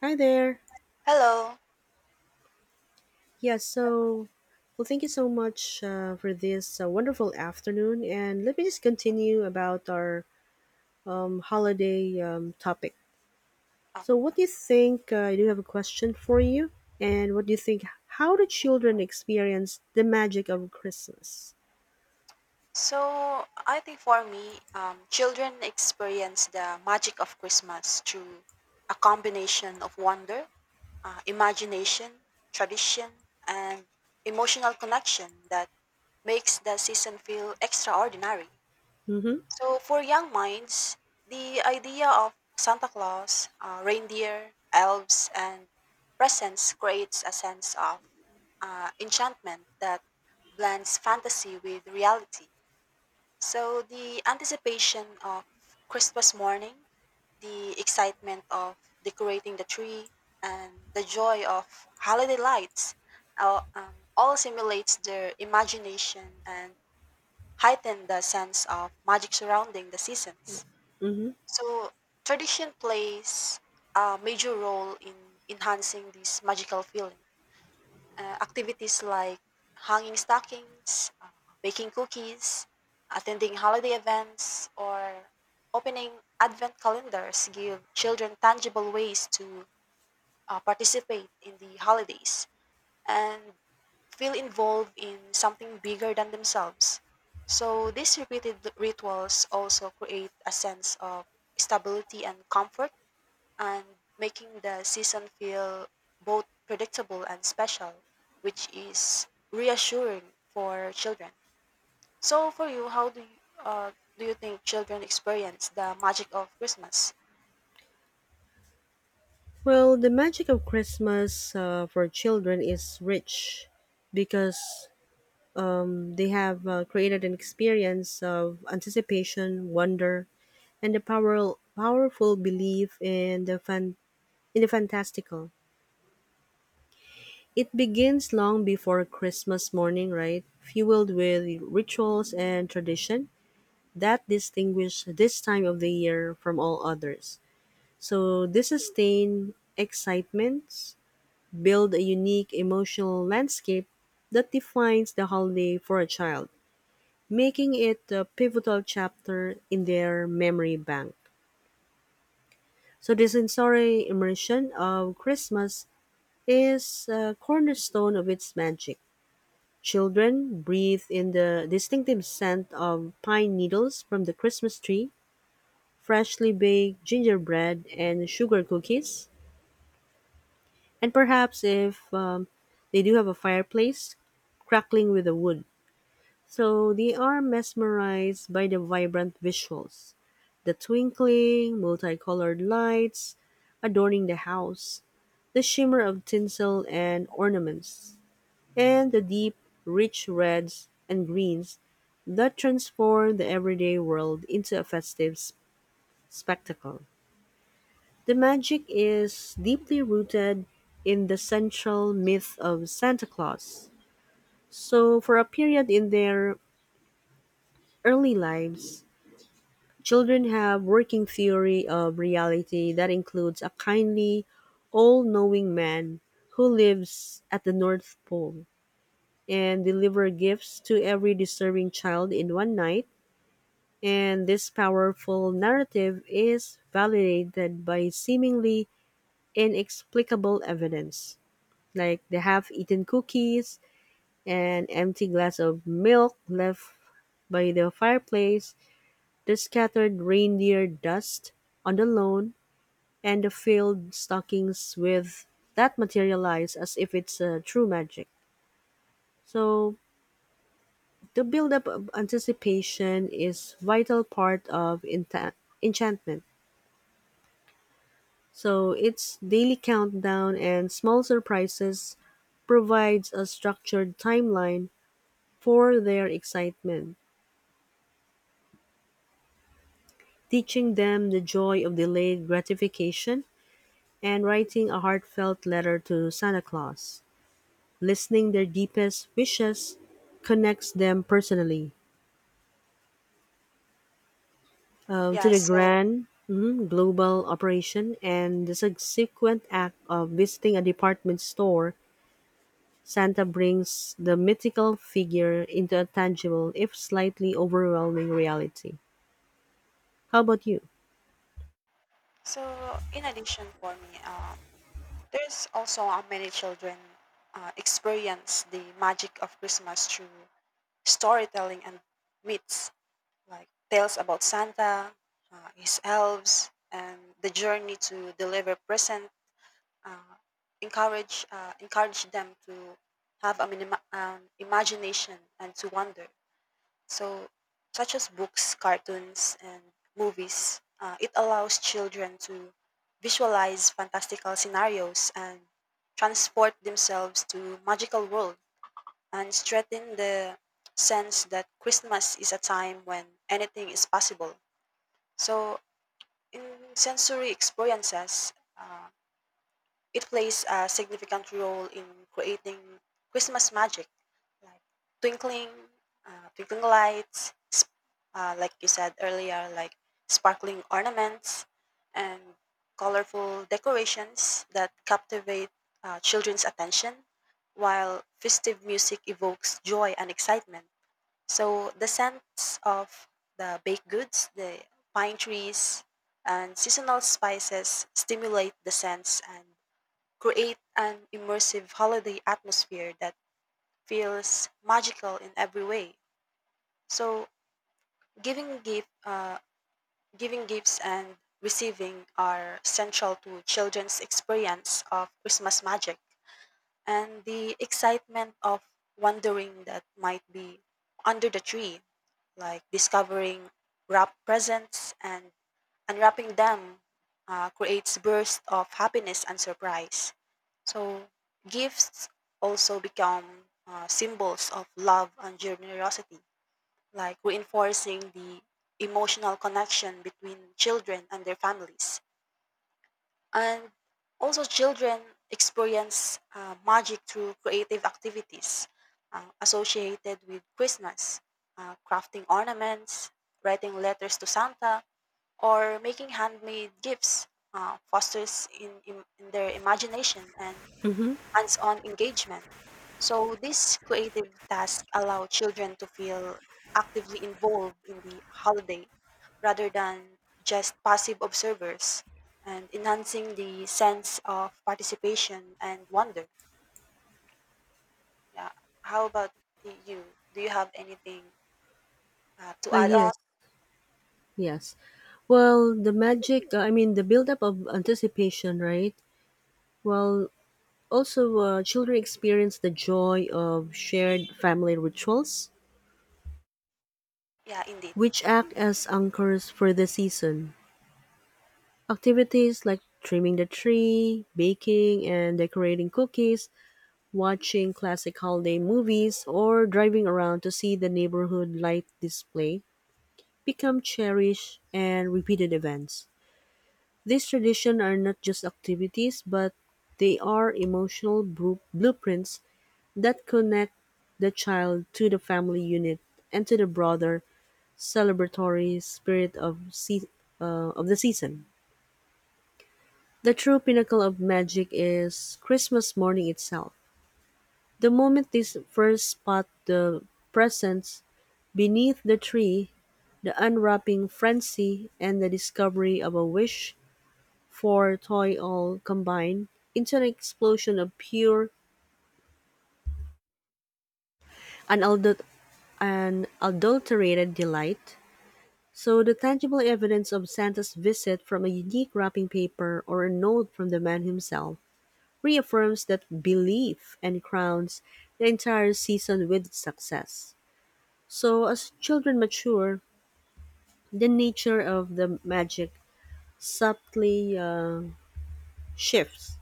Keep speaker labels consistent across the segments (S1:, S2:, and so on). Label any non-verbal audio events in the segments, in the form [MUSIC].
S1: Hi there.
S2: Hello.
S1: Yeah, thank you so much for this wonderful afternoon. And let me just continue about our holiday topic.
S2: Oh,
S1: So, what do you think? I do have a question for you. And what do you think? How do children experience the magic of Christmas?
S2: so I think for me, children experience the magic of Christmas through a combination of wonder, imagination, tradition, and emotional connection that makes the season feel extraordinary.
S1: Mm-hmm.
S2: So for young minds, the idea of Santa Claus, reindeer, elves, and presents creates a sense of enchantment that blends fantasy with reality. So the anticipation of Christmas morning, the excitement of decorating the tree, and the joy of holiday lights all simulates their imagination and heighten the sense of magic surrounding the seasons.
S1: Mm-hmm.
S2: So tradition plays a major role in enhancing this magical feeling activities like hanging stockings, baking cookies, attending holiday events, or opening advent calendars give children tangible ways to participate in the holidays and feel involved in something bigger than themselves. So these repeated rituals also create a sense of stability and comfort and making the season feel both predictable and special, which is reassuring for children. So, for you, how do you think children experience the magic of Christmas?
S1: Well, the magic of Christmas for children is rich because they have created an experience of anticipation, wonder, and powerful belief in in the fantastical. It begins long before Christmas morning, right? Fueled with rituals and tradition that distinguish this time of the year from all others. So this sustained excitements build a unique emotional landscape that defines the holiday for a child, making it a pivotal chapter in their memory bank. So the sensory immersion of Christmas is a cornerstone of its magic. Children breathe in the distinctive scent of pine needles from the Christmas tree, freshly baked gingerbread and sugar cookies, and perhaps if they do have a fireplace, crackling with the wood. So they are mesmerized by the vibrant visuals, the twinkling, multicolored lights adorning the house, the shimmer of tinsel and ornaments, and the deep, rich reds and greens that transform the everyday world into a spectacle. The magic is deeply rooted in the central myth of Santa Claus. So, for a period in their early lives, children have working theory of reality that includes a kindly, all-knowing man who lives at the North Pole and deliver gifts to every deserving child in one night. And this powerful narrative is validated by seemingly inexplicable evidence, like the half-eaten cookies, an empty glass of milk left by the fireplace, the scattered reindeer dust on the lawn, and the filled stockings with that materialize as if it's a true magic. So the buildup of anticipation is vital part of enchantment. So its daily countdown and small surprises provides a structured timeline for their excitement, teaching them the joy of delayed gratification and writing a heartfelt letter to Santa Claus. Listening their deepest wishes connects them personally to
S2: Yeah.
S1: the
S2: So,
S1: grand, global operation and the subsequent act of visiting a department store. Santa brings the mythical figure into a tangible, if slightly overwhelming, reality. How about you?
S2: so in addition for me, there's also how many children experience the magic of Christmas through storytelling and myths like tales about Santa, his elves, and the journey to deliver present uh, encourage them to have a imagination and to wonder. So, such as books, cartoons, and movies, it allows children to visualize fantastical scenarios and transport themselves to magical world and strengthen the sense that Christmas is a time when anything is possible. So, in sensory experiences, it plays a significant role in creating Christmas magic, like twinkling, twinkling lights, like you said earlier, like sparkling ornaments and colorful decorations that captivate children's attention, while festive music evokes joy and excitement. So the scents of the baked goods, the pine trees, and seasonal spices stimulate the sense and create an immersive holiday atmosphere that feels magical in every way. So giving gift, uh, giving gifts and receiving are central to children's experience of Christmas magic, and the excitement of wondering that might be under the tree, like discovering wrapped presents and unwrapping them creates bursts of happiness and surprise. So gifts also become symbols of love and generosity, like reinforcing the emotional connection between children and their families. And also, children experience magic through creative activities associated with Christmas, crafting ornaments, writing letters to Santa, or making handmade gifts. Fosters in their imagination and
S1: Mm-hmm.
S2: hands-on engagement. So these creative tasks allow children to feel actively involved in the holiday rather than just passive observers and enhancing the sense of participation and wonder. Yeah. How about you? Do you have anything to add on?
S1: Yes, yes. Well, the magic, I mean, the buildup of anticipation, right? Well, also, children experience the joy of shared family rituals,
S2: Yeah, indeed.
S1: which act as anchors for the season. Activities like trimming the tree, baking and decorating cookies, watching classic holiday movies, or driving around to see the neighborhood light display become cherished and repeated events. These traditions are not just activities, but they are blueprints that connect the child to the family unit and to the broader celebratory spirit of the season. The true pinnacle of magic is Christmas morning itself. The moment they first spot the presents beneath the tree, the unwrapping frenzy and the discovery of a wish for toy all combine into an explosion of pure and unadulterated delight. So the tangible evidence of Santa's visit from a unique wrapping paper or a note from the man himself reaffirms that belief and crowns the entire season with success. So as children mature, the nature of the magic subtly shifts.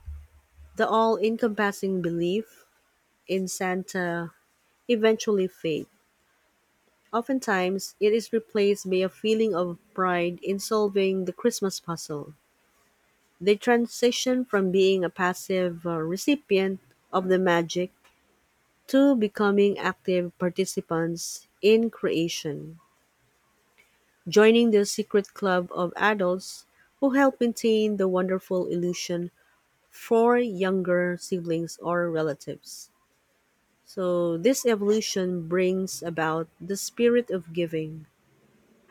S1: The all-encompassing belief in Santa eventually fades. Oftentimes, it is replaced by a feeling of pride in solving the Christmas puzzle. They transition from being a passive recipient of the magic to becoming active participants in creation, joining the secret club of adults who help maintain the wonderful illusion for younger siblings or relatives. So, this evolution brings about the spirit of giving.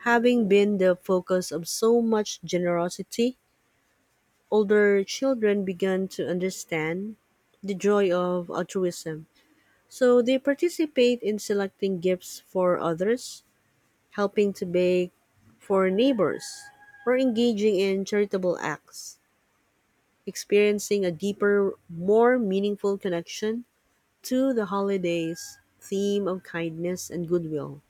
S1: Having been the focus of so much generosity, older children began to understand the joy of altruism. So they participate in selecting gifts for others, helping to bake for neighbors, or engaging in charitable acts, experiencing a deeper, more meaningful connection to the holidays theme of kindness and goodwill.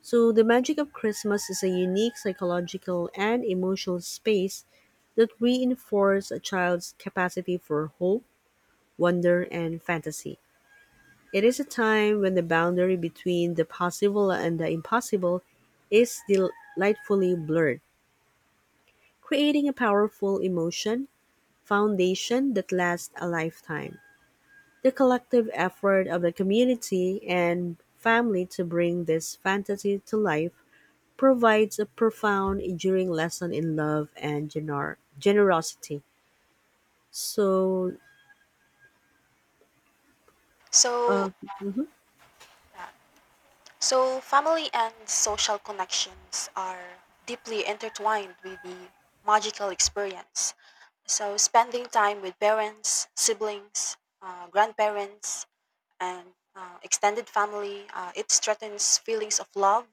S1: So the magic of Christmas is a unique psychological and emotional space that reinforces a child's capacity for hope, wonder and fantasy. It is a time when the boundary between the possible and the impossible is delightfully blurred, creating a powerful emotion foundation that lasts a lifetime. The collective effort of the community and family to bring this fantasy to life provides a profound, enduring lesson in love and generosity. So, uh,
S2: So,
S1: mhm.
S2: yeah, so family and social connections are deeply intertwined with the magical experience. So, spending time with parents, siblings, grandparents, and extended family, it strengthens feelings of love,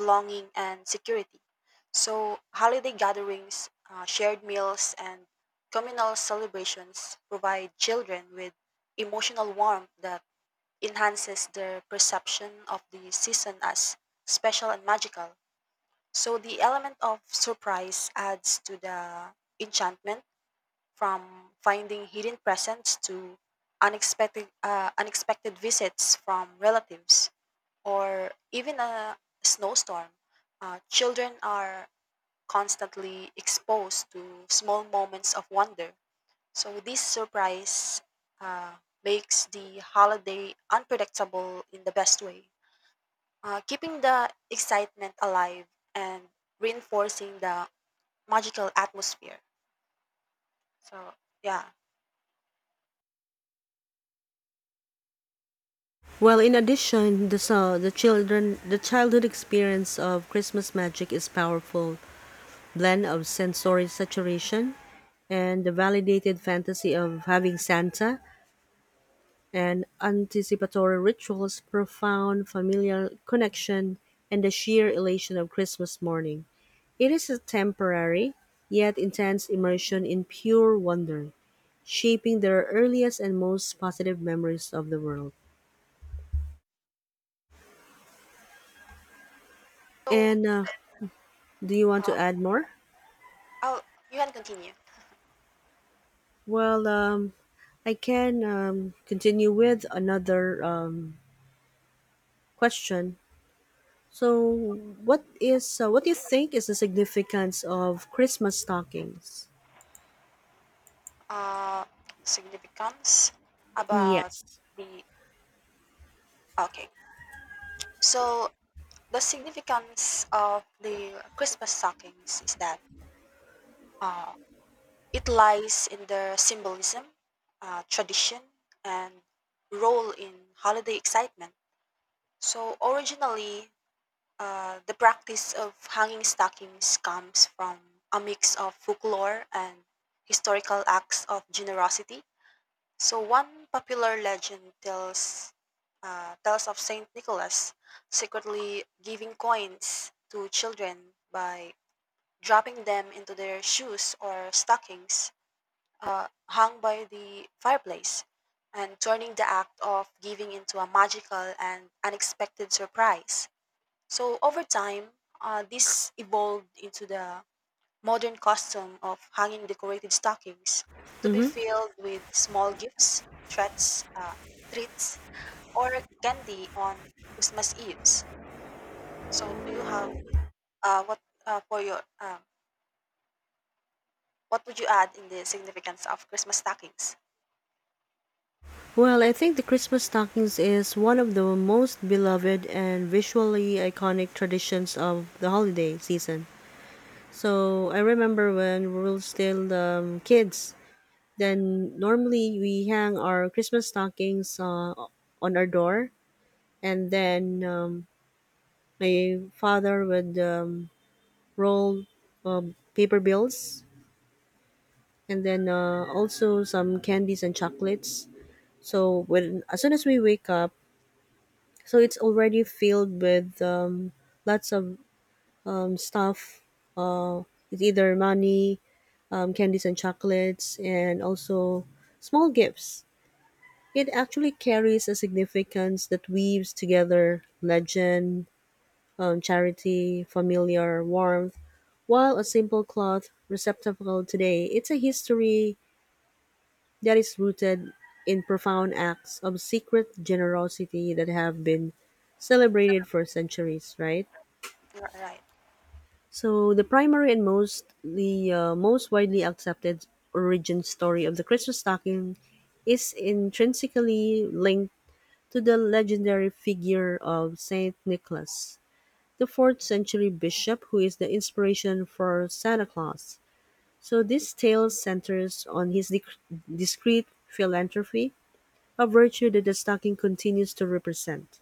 S2: belonging, and security. So, holiday gatherings, shared meals, and communal celebrations provide children with emotional warmth that enhances their perception of the season as special and magical. So, the element of surprise adds to the enchantment from finding hidden presents to unexpected visits from relatives or even a snowstorm. Children are constantly exposed to small moments of wonder. So this surprise uh, makes the holiday unpredictable in the best way, keeping the excitement alive and reinforcing the magical atmosphere. So yeah.
S1: Well, in addition, the so the children the childhood experience of Christmas magic is powerful blend of sensory saturation and the validated fantasy of having Santa and anticipatory rituals, profound familial connection, and the sheer elation of Christmas morning. It is a temporary yet intense immersion in pure wonder, shaping their earliest and most positive memories of the world.
S2: So
S1: And do you want
S2: uh,
S1: to add more?
S2: Oh, you can continue.
S1: Well, I can continue with another question. So, what is what do you think is the significance of Christmas stockings?
S2: Uh, Significance about
S1: Yes.
S2: the okay. So the significance of the Christmas stockings is that uh, it lies in their symbolism, tradition, and role in holiday excitement. So originally, the practice of hanging stockings comes from a mix of folklore and historical acts of generosity. So one popular legend tells of Saint Nicholas secretly giving coins to children by dropping them into their shoes or stockings hung by the fireplace, and turning the act of giving into a magical and unexpected surprise. So over time, this evolved into the modern custom of hanging decorated stockings to be
S1: Hmm.
S2: filled with small gifts, threats, treats, or candy on Christmas Eves. So, do you have what for your what would you add in the significance of Christmas stockings?
S1: Well, I think the Christmas stockings is one of the most beloved and visually iconic traditions of the holiday season. So I remember when we were still kids, then normally we hang our Christmas stockings on our door, and then my father would roll paper bills, and then also some candies and chocolates. So when as soon as we wake up, so it's already filled with lots of stuff. Uh, it's either money, candies and chocolates, and also small gifts. It actually carries a significance that weaves together legend, charity, familiar warmth, while a simple cloth receptacle today, it's a history that is rooted in profound acts of secret generosity that have been celebrated for centuries, right?
S2: You're right.
S1: So the primary and mostly most widely accepted origin story of the Christmas stocking is intrinsically linked to the legendary figure of Saint Nicholas, the fourth-century bishop who is the inspiration for Santa Claus. So this tale centers on his discreet philanthropy, a virtue that the stocking continues to represent.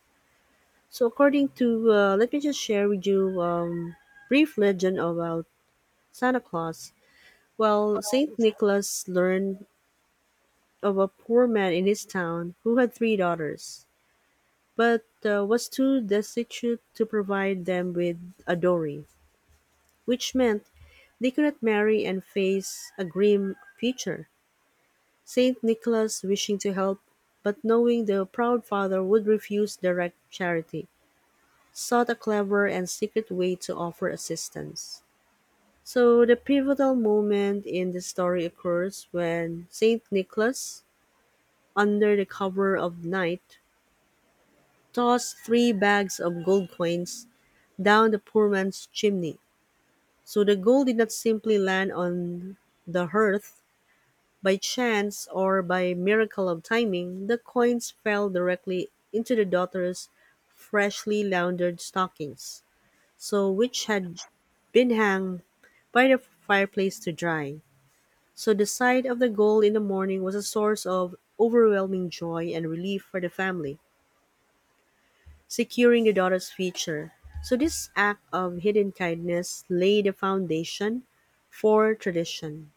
S1: So according to, let me just share with you brief legend about Santa Claus. Well,
S2: Well,
S1: Saint Nicholas learned of a poor man in his town who had three daughters, but was too destitute to provide them with a dowry, which meant they could not marry and face a grim future. Saint Nicholas, wishing to help, but knowing the proud father would refuse direct charity, sought a clever and secret way to offer assistance. So, the pivotal moment in the story occurs when Saint Nicholas, under the cover of night, tossed three bags of gold coins down the poor man's chimney. So the gold did not simply land on the hearth by chance or by miracle of timing, the coins fell directly into the daughter's freshly laundered stockings, so which had been hung by the fireplace to dry. So the sight of the gold in the morning was a source of overwhelming joy and relief for the family, securing the daughter's future. So this act of hidden kindness laid the foundation for tradition.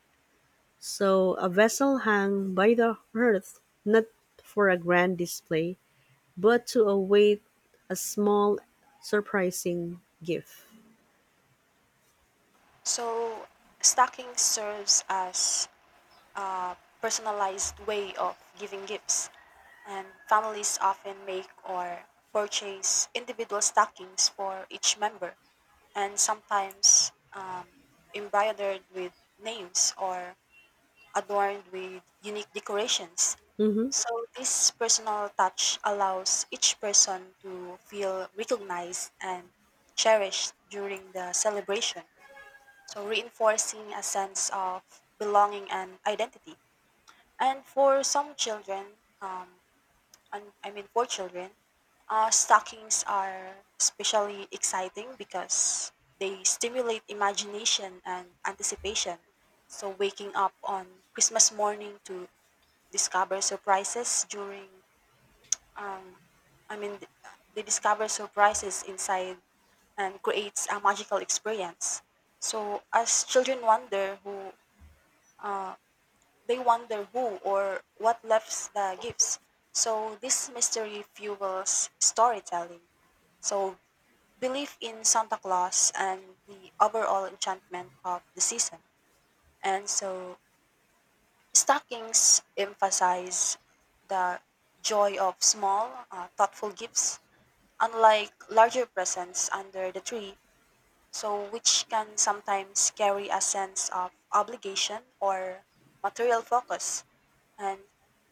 S1: So a vessel hung by the hearth, not for a grand display, but to await a small, surprising gift.
S2: so stocking serves as personalized way of giving gifts, and families often make or purchase individual stockings for each member and sometimes embroidered with names or adorned with unique decorations.
S1: Mm-hmm.
S2: So, this personal touch allows each person to feel recognized and cherished during the celebration. So, reinforcing a sense of belonging and identity. And for some children, for children, stockings are especially exciting because they stimulate imagination and anticipation. So waking up on Christmas morning to discover surprises during, um, I mean, th- they discover surprises inside and creates a magical experience. So as children uh, wonder who or what left the gifts. So this mystery fuels storytelling. So belief in Santa Claus and the overall enchantment of the season. And so stockings emphasize the joy of small, thoughtful gifts, unlike larger presents under the tree, so which can sometimes carry a sense of obligation or material focus. And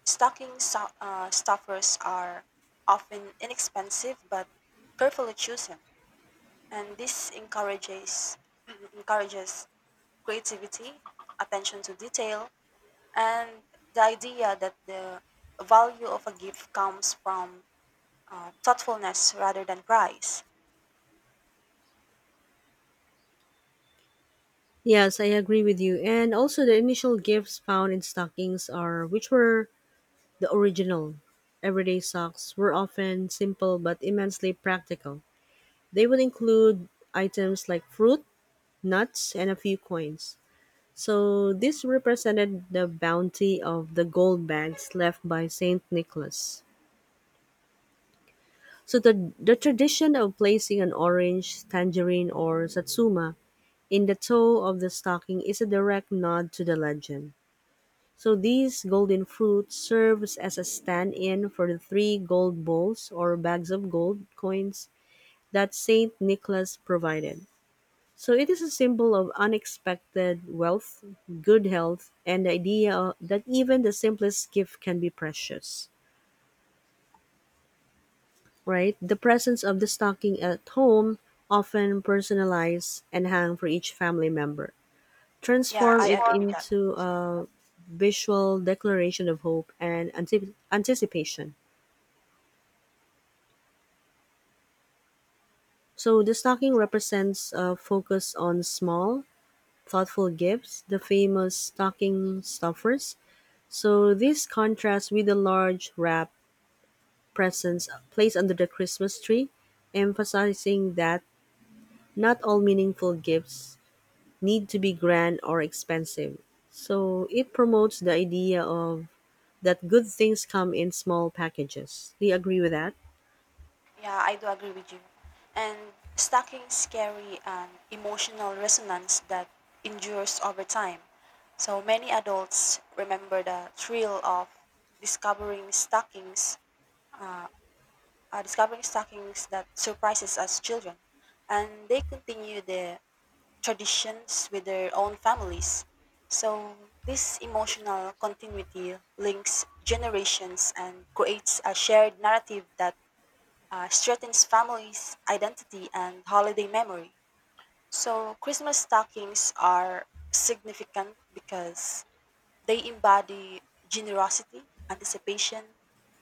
S2: stuffers are often inexpensive but carefully chosen, and this encourages [CLEARS THROAT] encourages creativity, attention to detail, and the idea that the value of a gift comes from thoughtfulness rather than price.
S1: Yes, I agree with you. And also, the initial gifts found in stockings are, which were the original everyday socks, were often simple but immensely practical. They would include items like fruit, nuts, and a few coins. So this represented the bounty of the gold bags left by Saint Nicholas. So the tradition of placing an orange, tangerine, or satsuma in the toe of the stocking is a direct nod to the legend. So these golden fruits serves as a stand-in for the three gold bowls or bags of gold coins that Saint Nicholas provided. So it is a symbol of unexpected wealth, good health, and the idea that even the simplest gift can be precious, right? The presence of the stocking at home, often personalized and hung for each family member,
S2: Yeah,
S1: transform
S2: I
S1: it
S2: agree.
S1: into a visual declaration of hope and anticipation. So the stocking represents a focus on small, thoughtful gifts, the famous stocking stuffers. So this contrasts with the large wrap presents placed under the Christmas tree, emphasizing that not all meaningful gifts need to be grand or expensive. So it promotes the idea of that good things come in small packages. Do you agree with that?
S2: Yeah, I do agree with you. And stacking carry an emotional resonance that endures over time. So many adults remember the thrill of discovering stockings, uh, discovering stockings that surprises us children, and they continue the traditions with their own families. So this emotional continuity links generations and creates a shared narrative that strengthens families' identity and holiday memory. So, Christmas stockings are significant because they embody generosity, anticipation,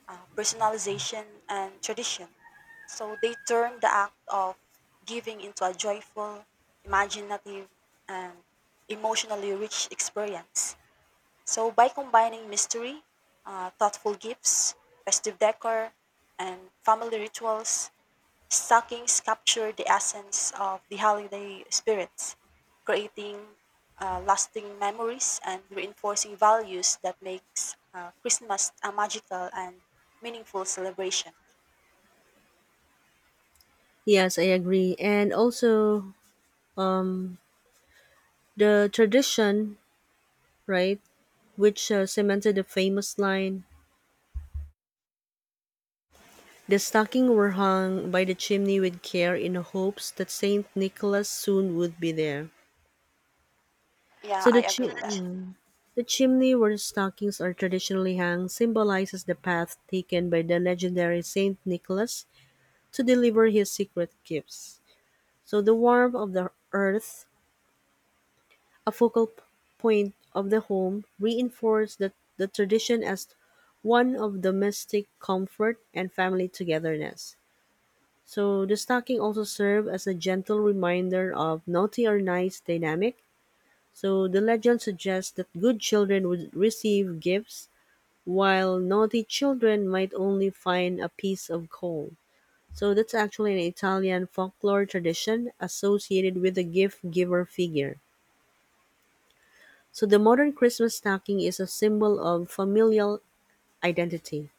S2: personalization, and tradition. So, they turn the act of giving into a joyful, imaginative, and emotionally rich experience. So, by combining mystery, thoughtful gifts, festive decor, and family rituals, stockings capture the essence of the holiday spirits, creating lasting memories and reinforcing values that makes Christmas a magical and meaningful celebration.
S1: Yes, I agree. And also, um, the tradition, right, which cemented the famous line, "The stockings were hung by the chimney with care in hopes that Saint Nicholas soon would be there."
S2: Yeah,
S1: So
S2: I agree with that.
S1: yeah, the chimney where the stockings are traditionally hung symbolizes the path taken by the legendary Saint Nicholas to deliver his secret gifts. So the warmth of the earth, a point of the home, reinforced the tradition as one of domestic comfort and family togetherness. So the stocking also served as a gentle reminder of naughty or nice dynamic. So the legend suggests that good children would receive gifts while naughty children might only find a piece of coal. So that's actually an Italian folklore tradition associated with the gift giver figure. So the modern Christmas stocking is a symbol of familial identity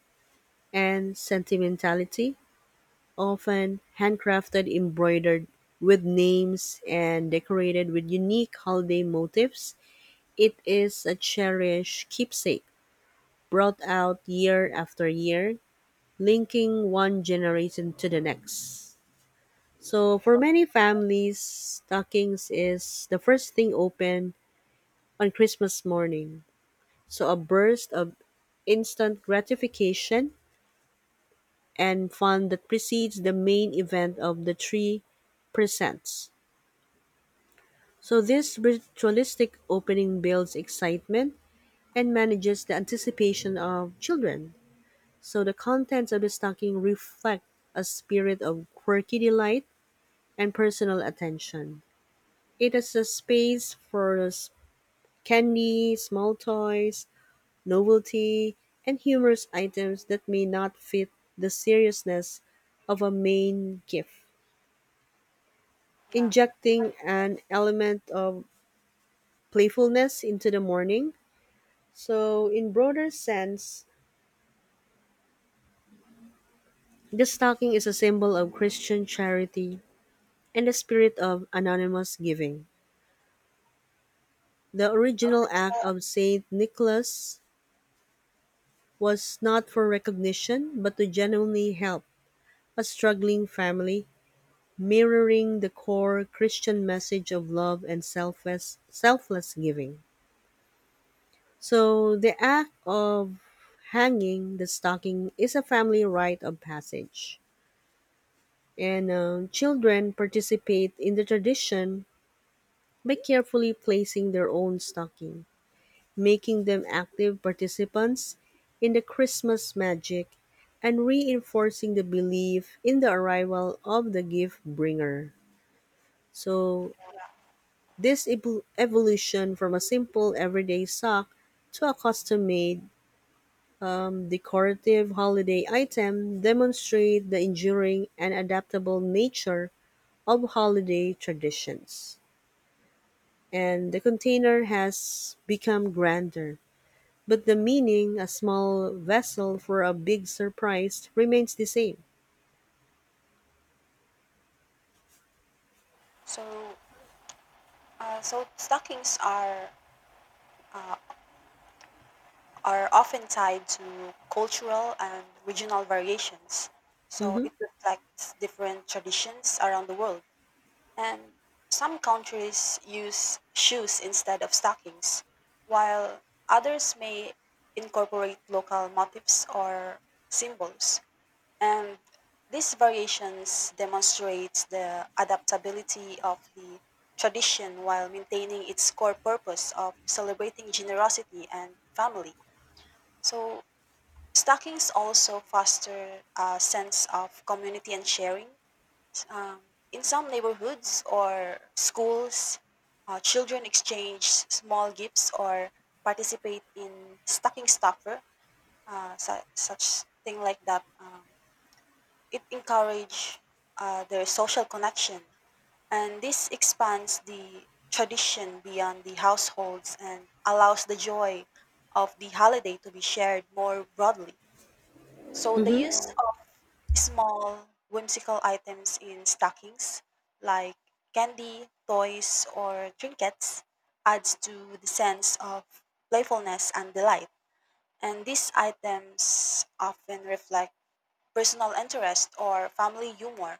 S1: and sentimentality, often handcrafted, embroidered with names and decorated with unique holiday motifs. It is a cherished keepsake, brought out year after year, linking one generation to the next. So, for many families, stockings is the first thing open on Christmas morning. So, a burst of instant gratification and fun that precedes the main event of the tree presents. So this ritualistic opening builds excitement and manages the anticipation of children. So the contents of the stocking reflect a spirit of quirky delight and personal attention. It is a space for candy, small toys, novelty, and humorous items that may not fit the seriousness of a main gift,
S2: Yeah.
S1: injecting an element of playfulness into the morning. So, in broader sense, the stocking is a symbol of Christian charity and the spirit of anonymous giving. The original act of Saint Nicholas was not for recognition, but to genuinely help a struggling family, mirroring the core Christian message of love and selfless giving. So, the act of hanging the stocking is a family rite of passage, and children participate in the tradition by carefully placing their own stocking, making them active participants in the Christmas magic and reinforcing the belief in the arrival of the gift bringer. So, this evolution from a simple everyday sock to a custom made, decorative holiday item demonstrate the enduring and adaptable nature of holiday traditions, and the container has become grander. But the meaning, a small vessel for a big surprise, remains the same.
S2: So, so stockings uh, are often tied to cultural and regional variations. So
S1: Hmm.
S2: it reflects different traditions around the world. And some countries use shoes instead of stockings, while others may incorporate local motifs or symbols. And these variations demonstrates the adaptability of the tradition while maintaining its core purpose of celebrating generosity and family. So stockings also foster a sense of community and sharing um, in some neighborhoods or schools, children exchange small gifts or participate in stocking stuffer, such thing like that. It encourage their social connection, and this expands the tradition beyond the households and allows the joy of the holiday to be shared more broadly. So the use
S1: Hmm.
S2: of small whimsical items in stockings like candy, toys, or trinkets adds to the sense of playfulness and delight. And these items often reflect personal interest or family humor,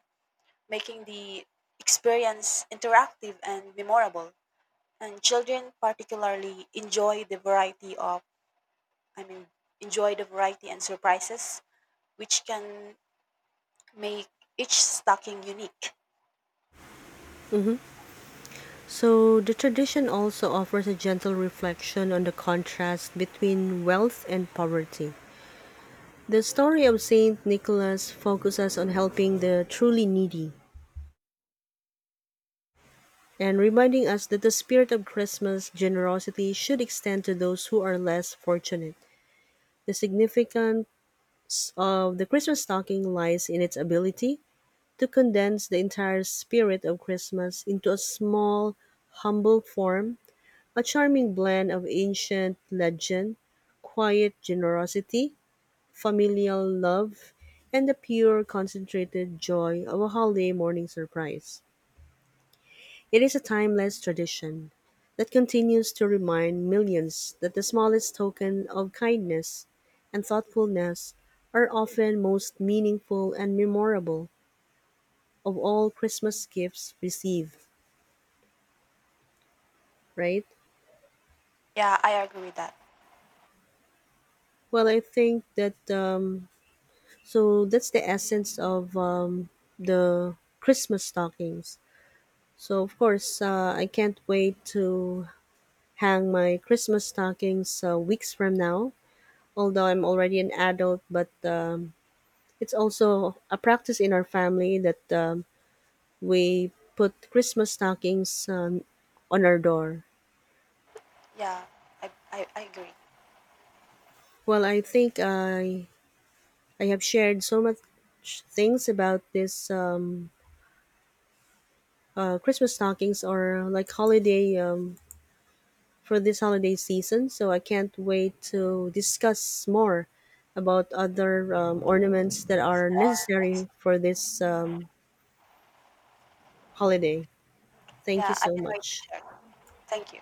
S2: making the experience interactive and memorable. And children particularly I mean enjoy the variety and surprises which can make each stocking unique.
S1: So the tradition also offers a gentle reflection on the contrast between wealth and poverty. The story of Saint Nicholas focuses on helping the truly needy and reminding us that the spirit of Christmas generosity should extend to those who are less fortunate. The significance of the Christmas stocking lies in its ability to condense the entire spirit of Christmas into a small, humble form, a charming blend of ancient legend, quiet generosity, familial love, and the pure, concentrated joy of a holiday morning surprise. It is a timeless tradition that continues to remind millions that the smallest token of kindness and thoughtfulness are often most meaningful and memorable of all Christmas gifts received, right?
S2: Yeah, I agree with that.
S1: Well, I think that, so that's the essence of, the Christmas stockings. So, of course, I can't wait to hang my Christmas stockings weeks from now, although I'm already an adult, but, it's also a practice in our family that, we put Christmas stockings, on our door.
S2: Yeah, I agree.
S1: Well, I think I have shared so much things about this, Christmas stockings or like holiday, for this holiday season. So I can't wait to discuss more about other, ornaments that are necessary for this, holiday. Thank you
S2: Yeah, I
S1: so
S2: can wait to
S1: much.
S2: share. Thank you.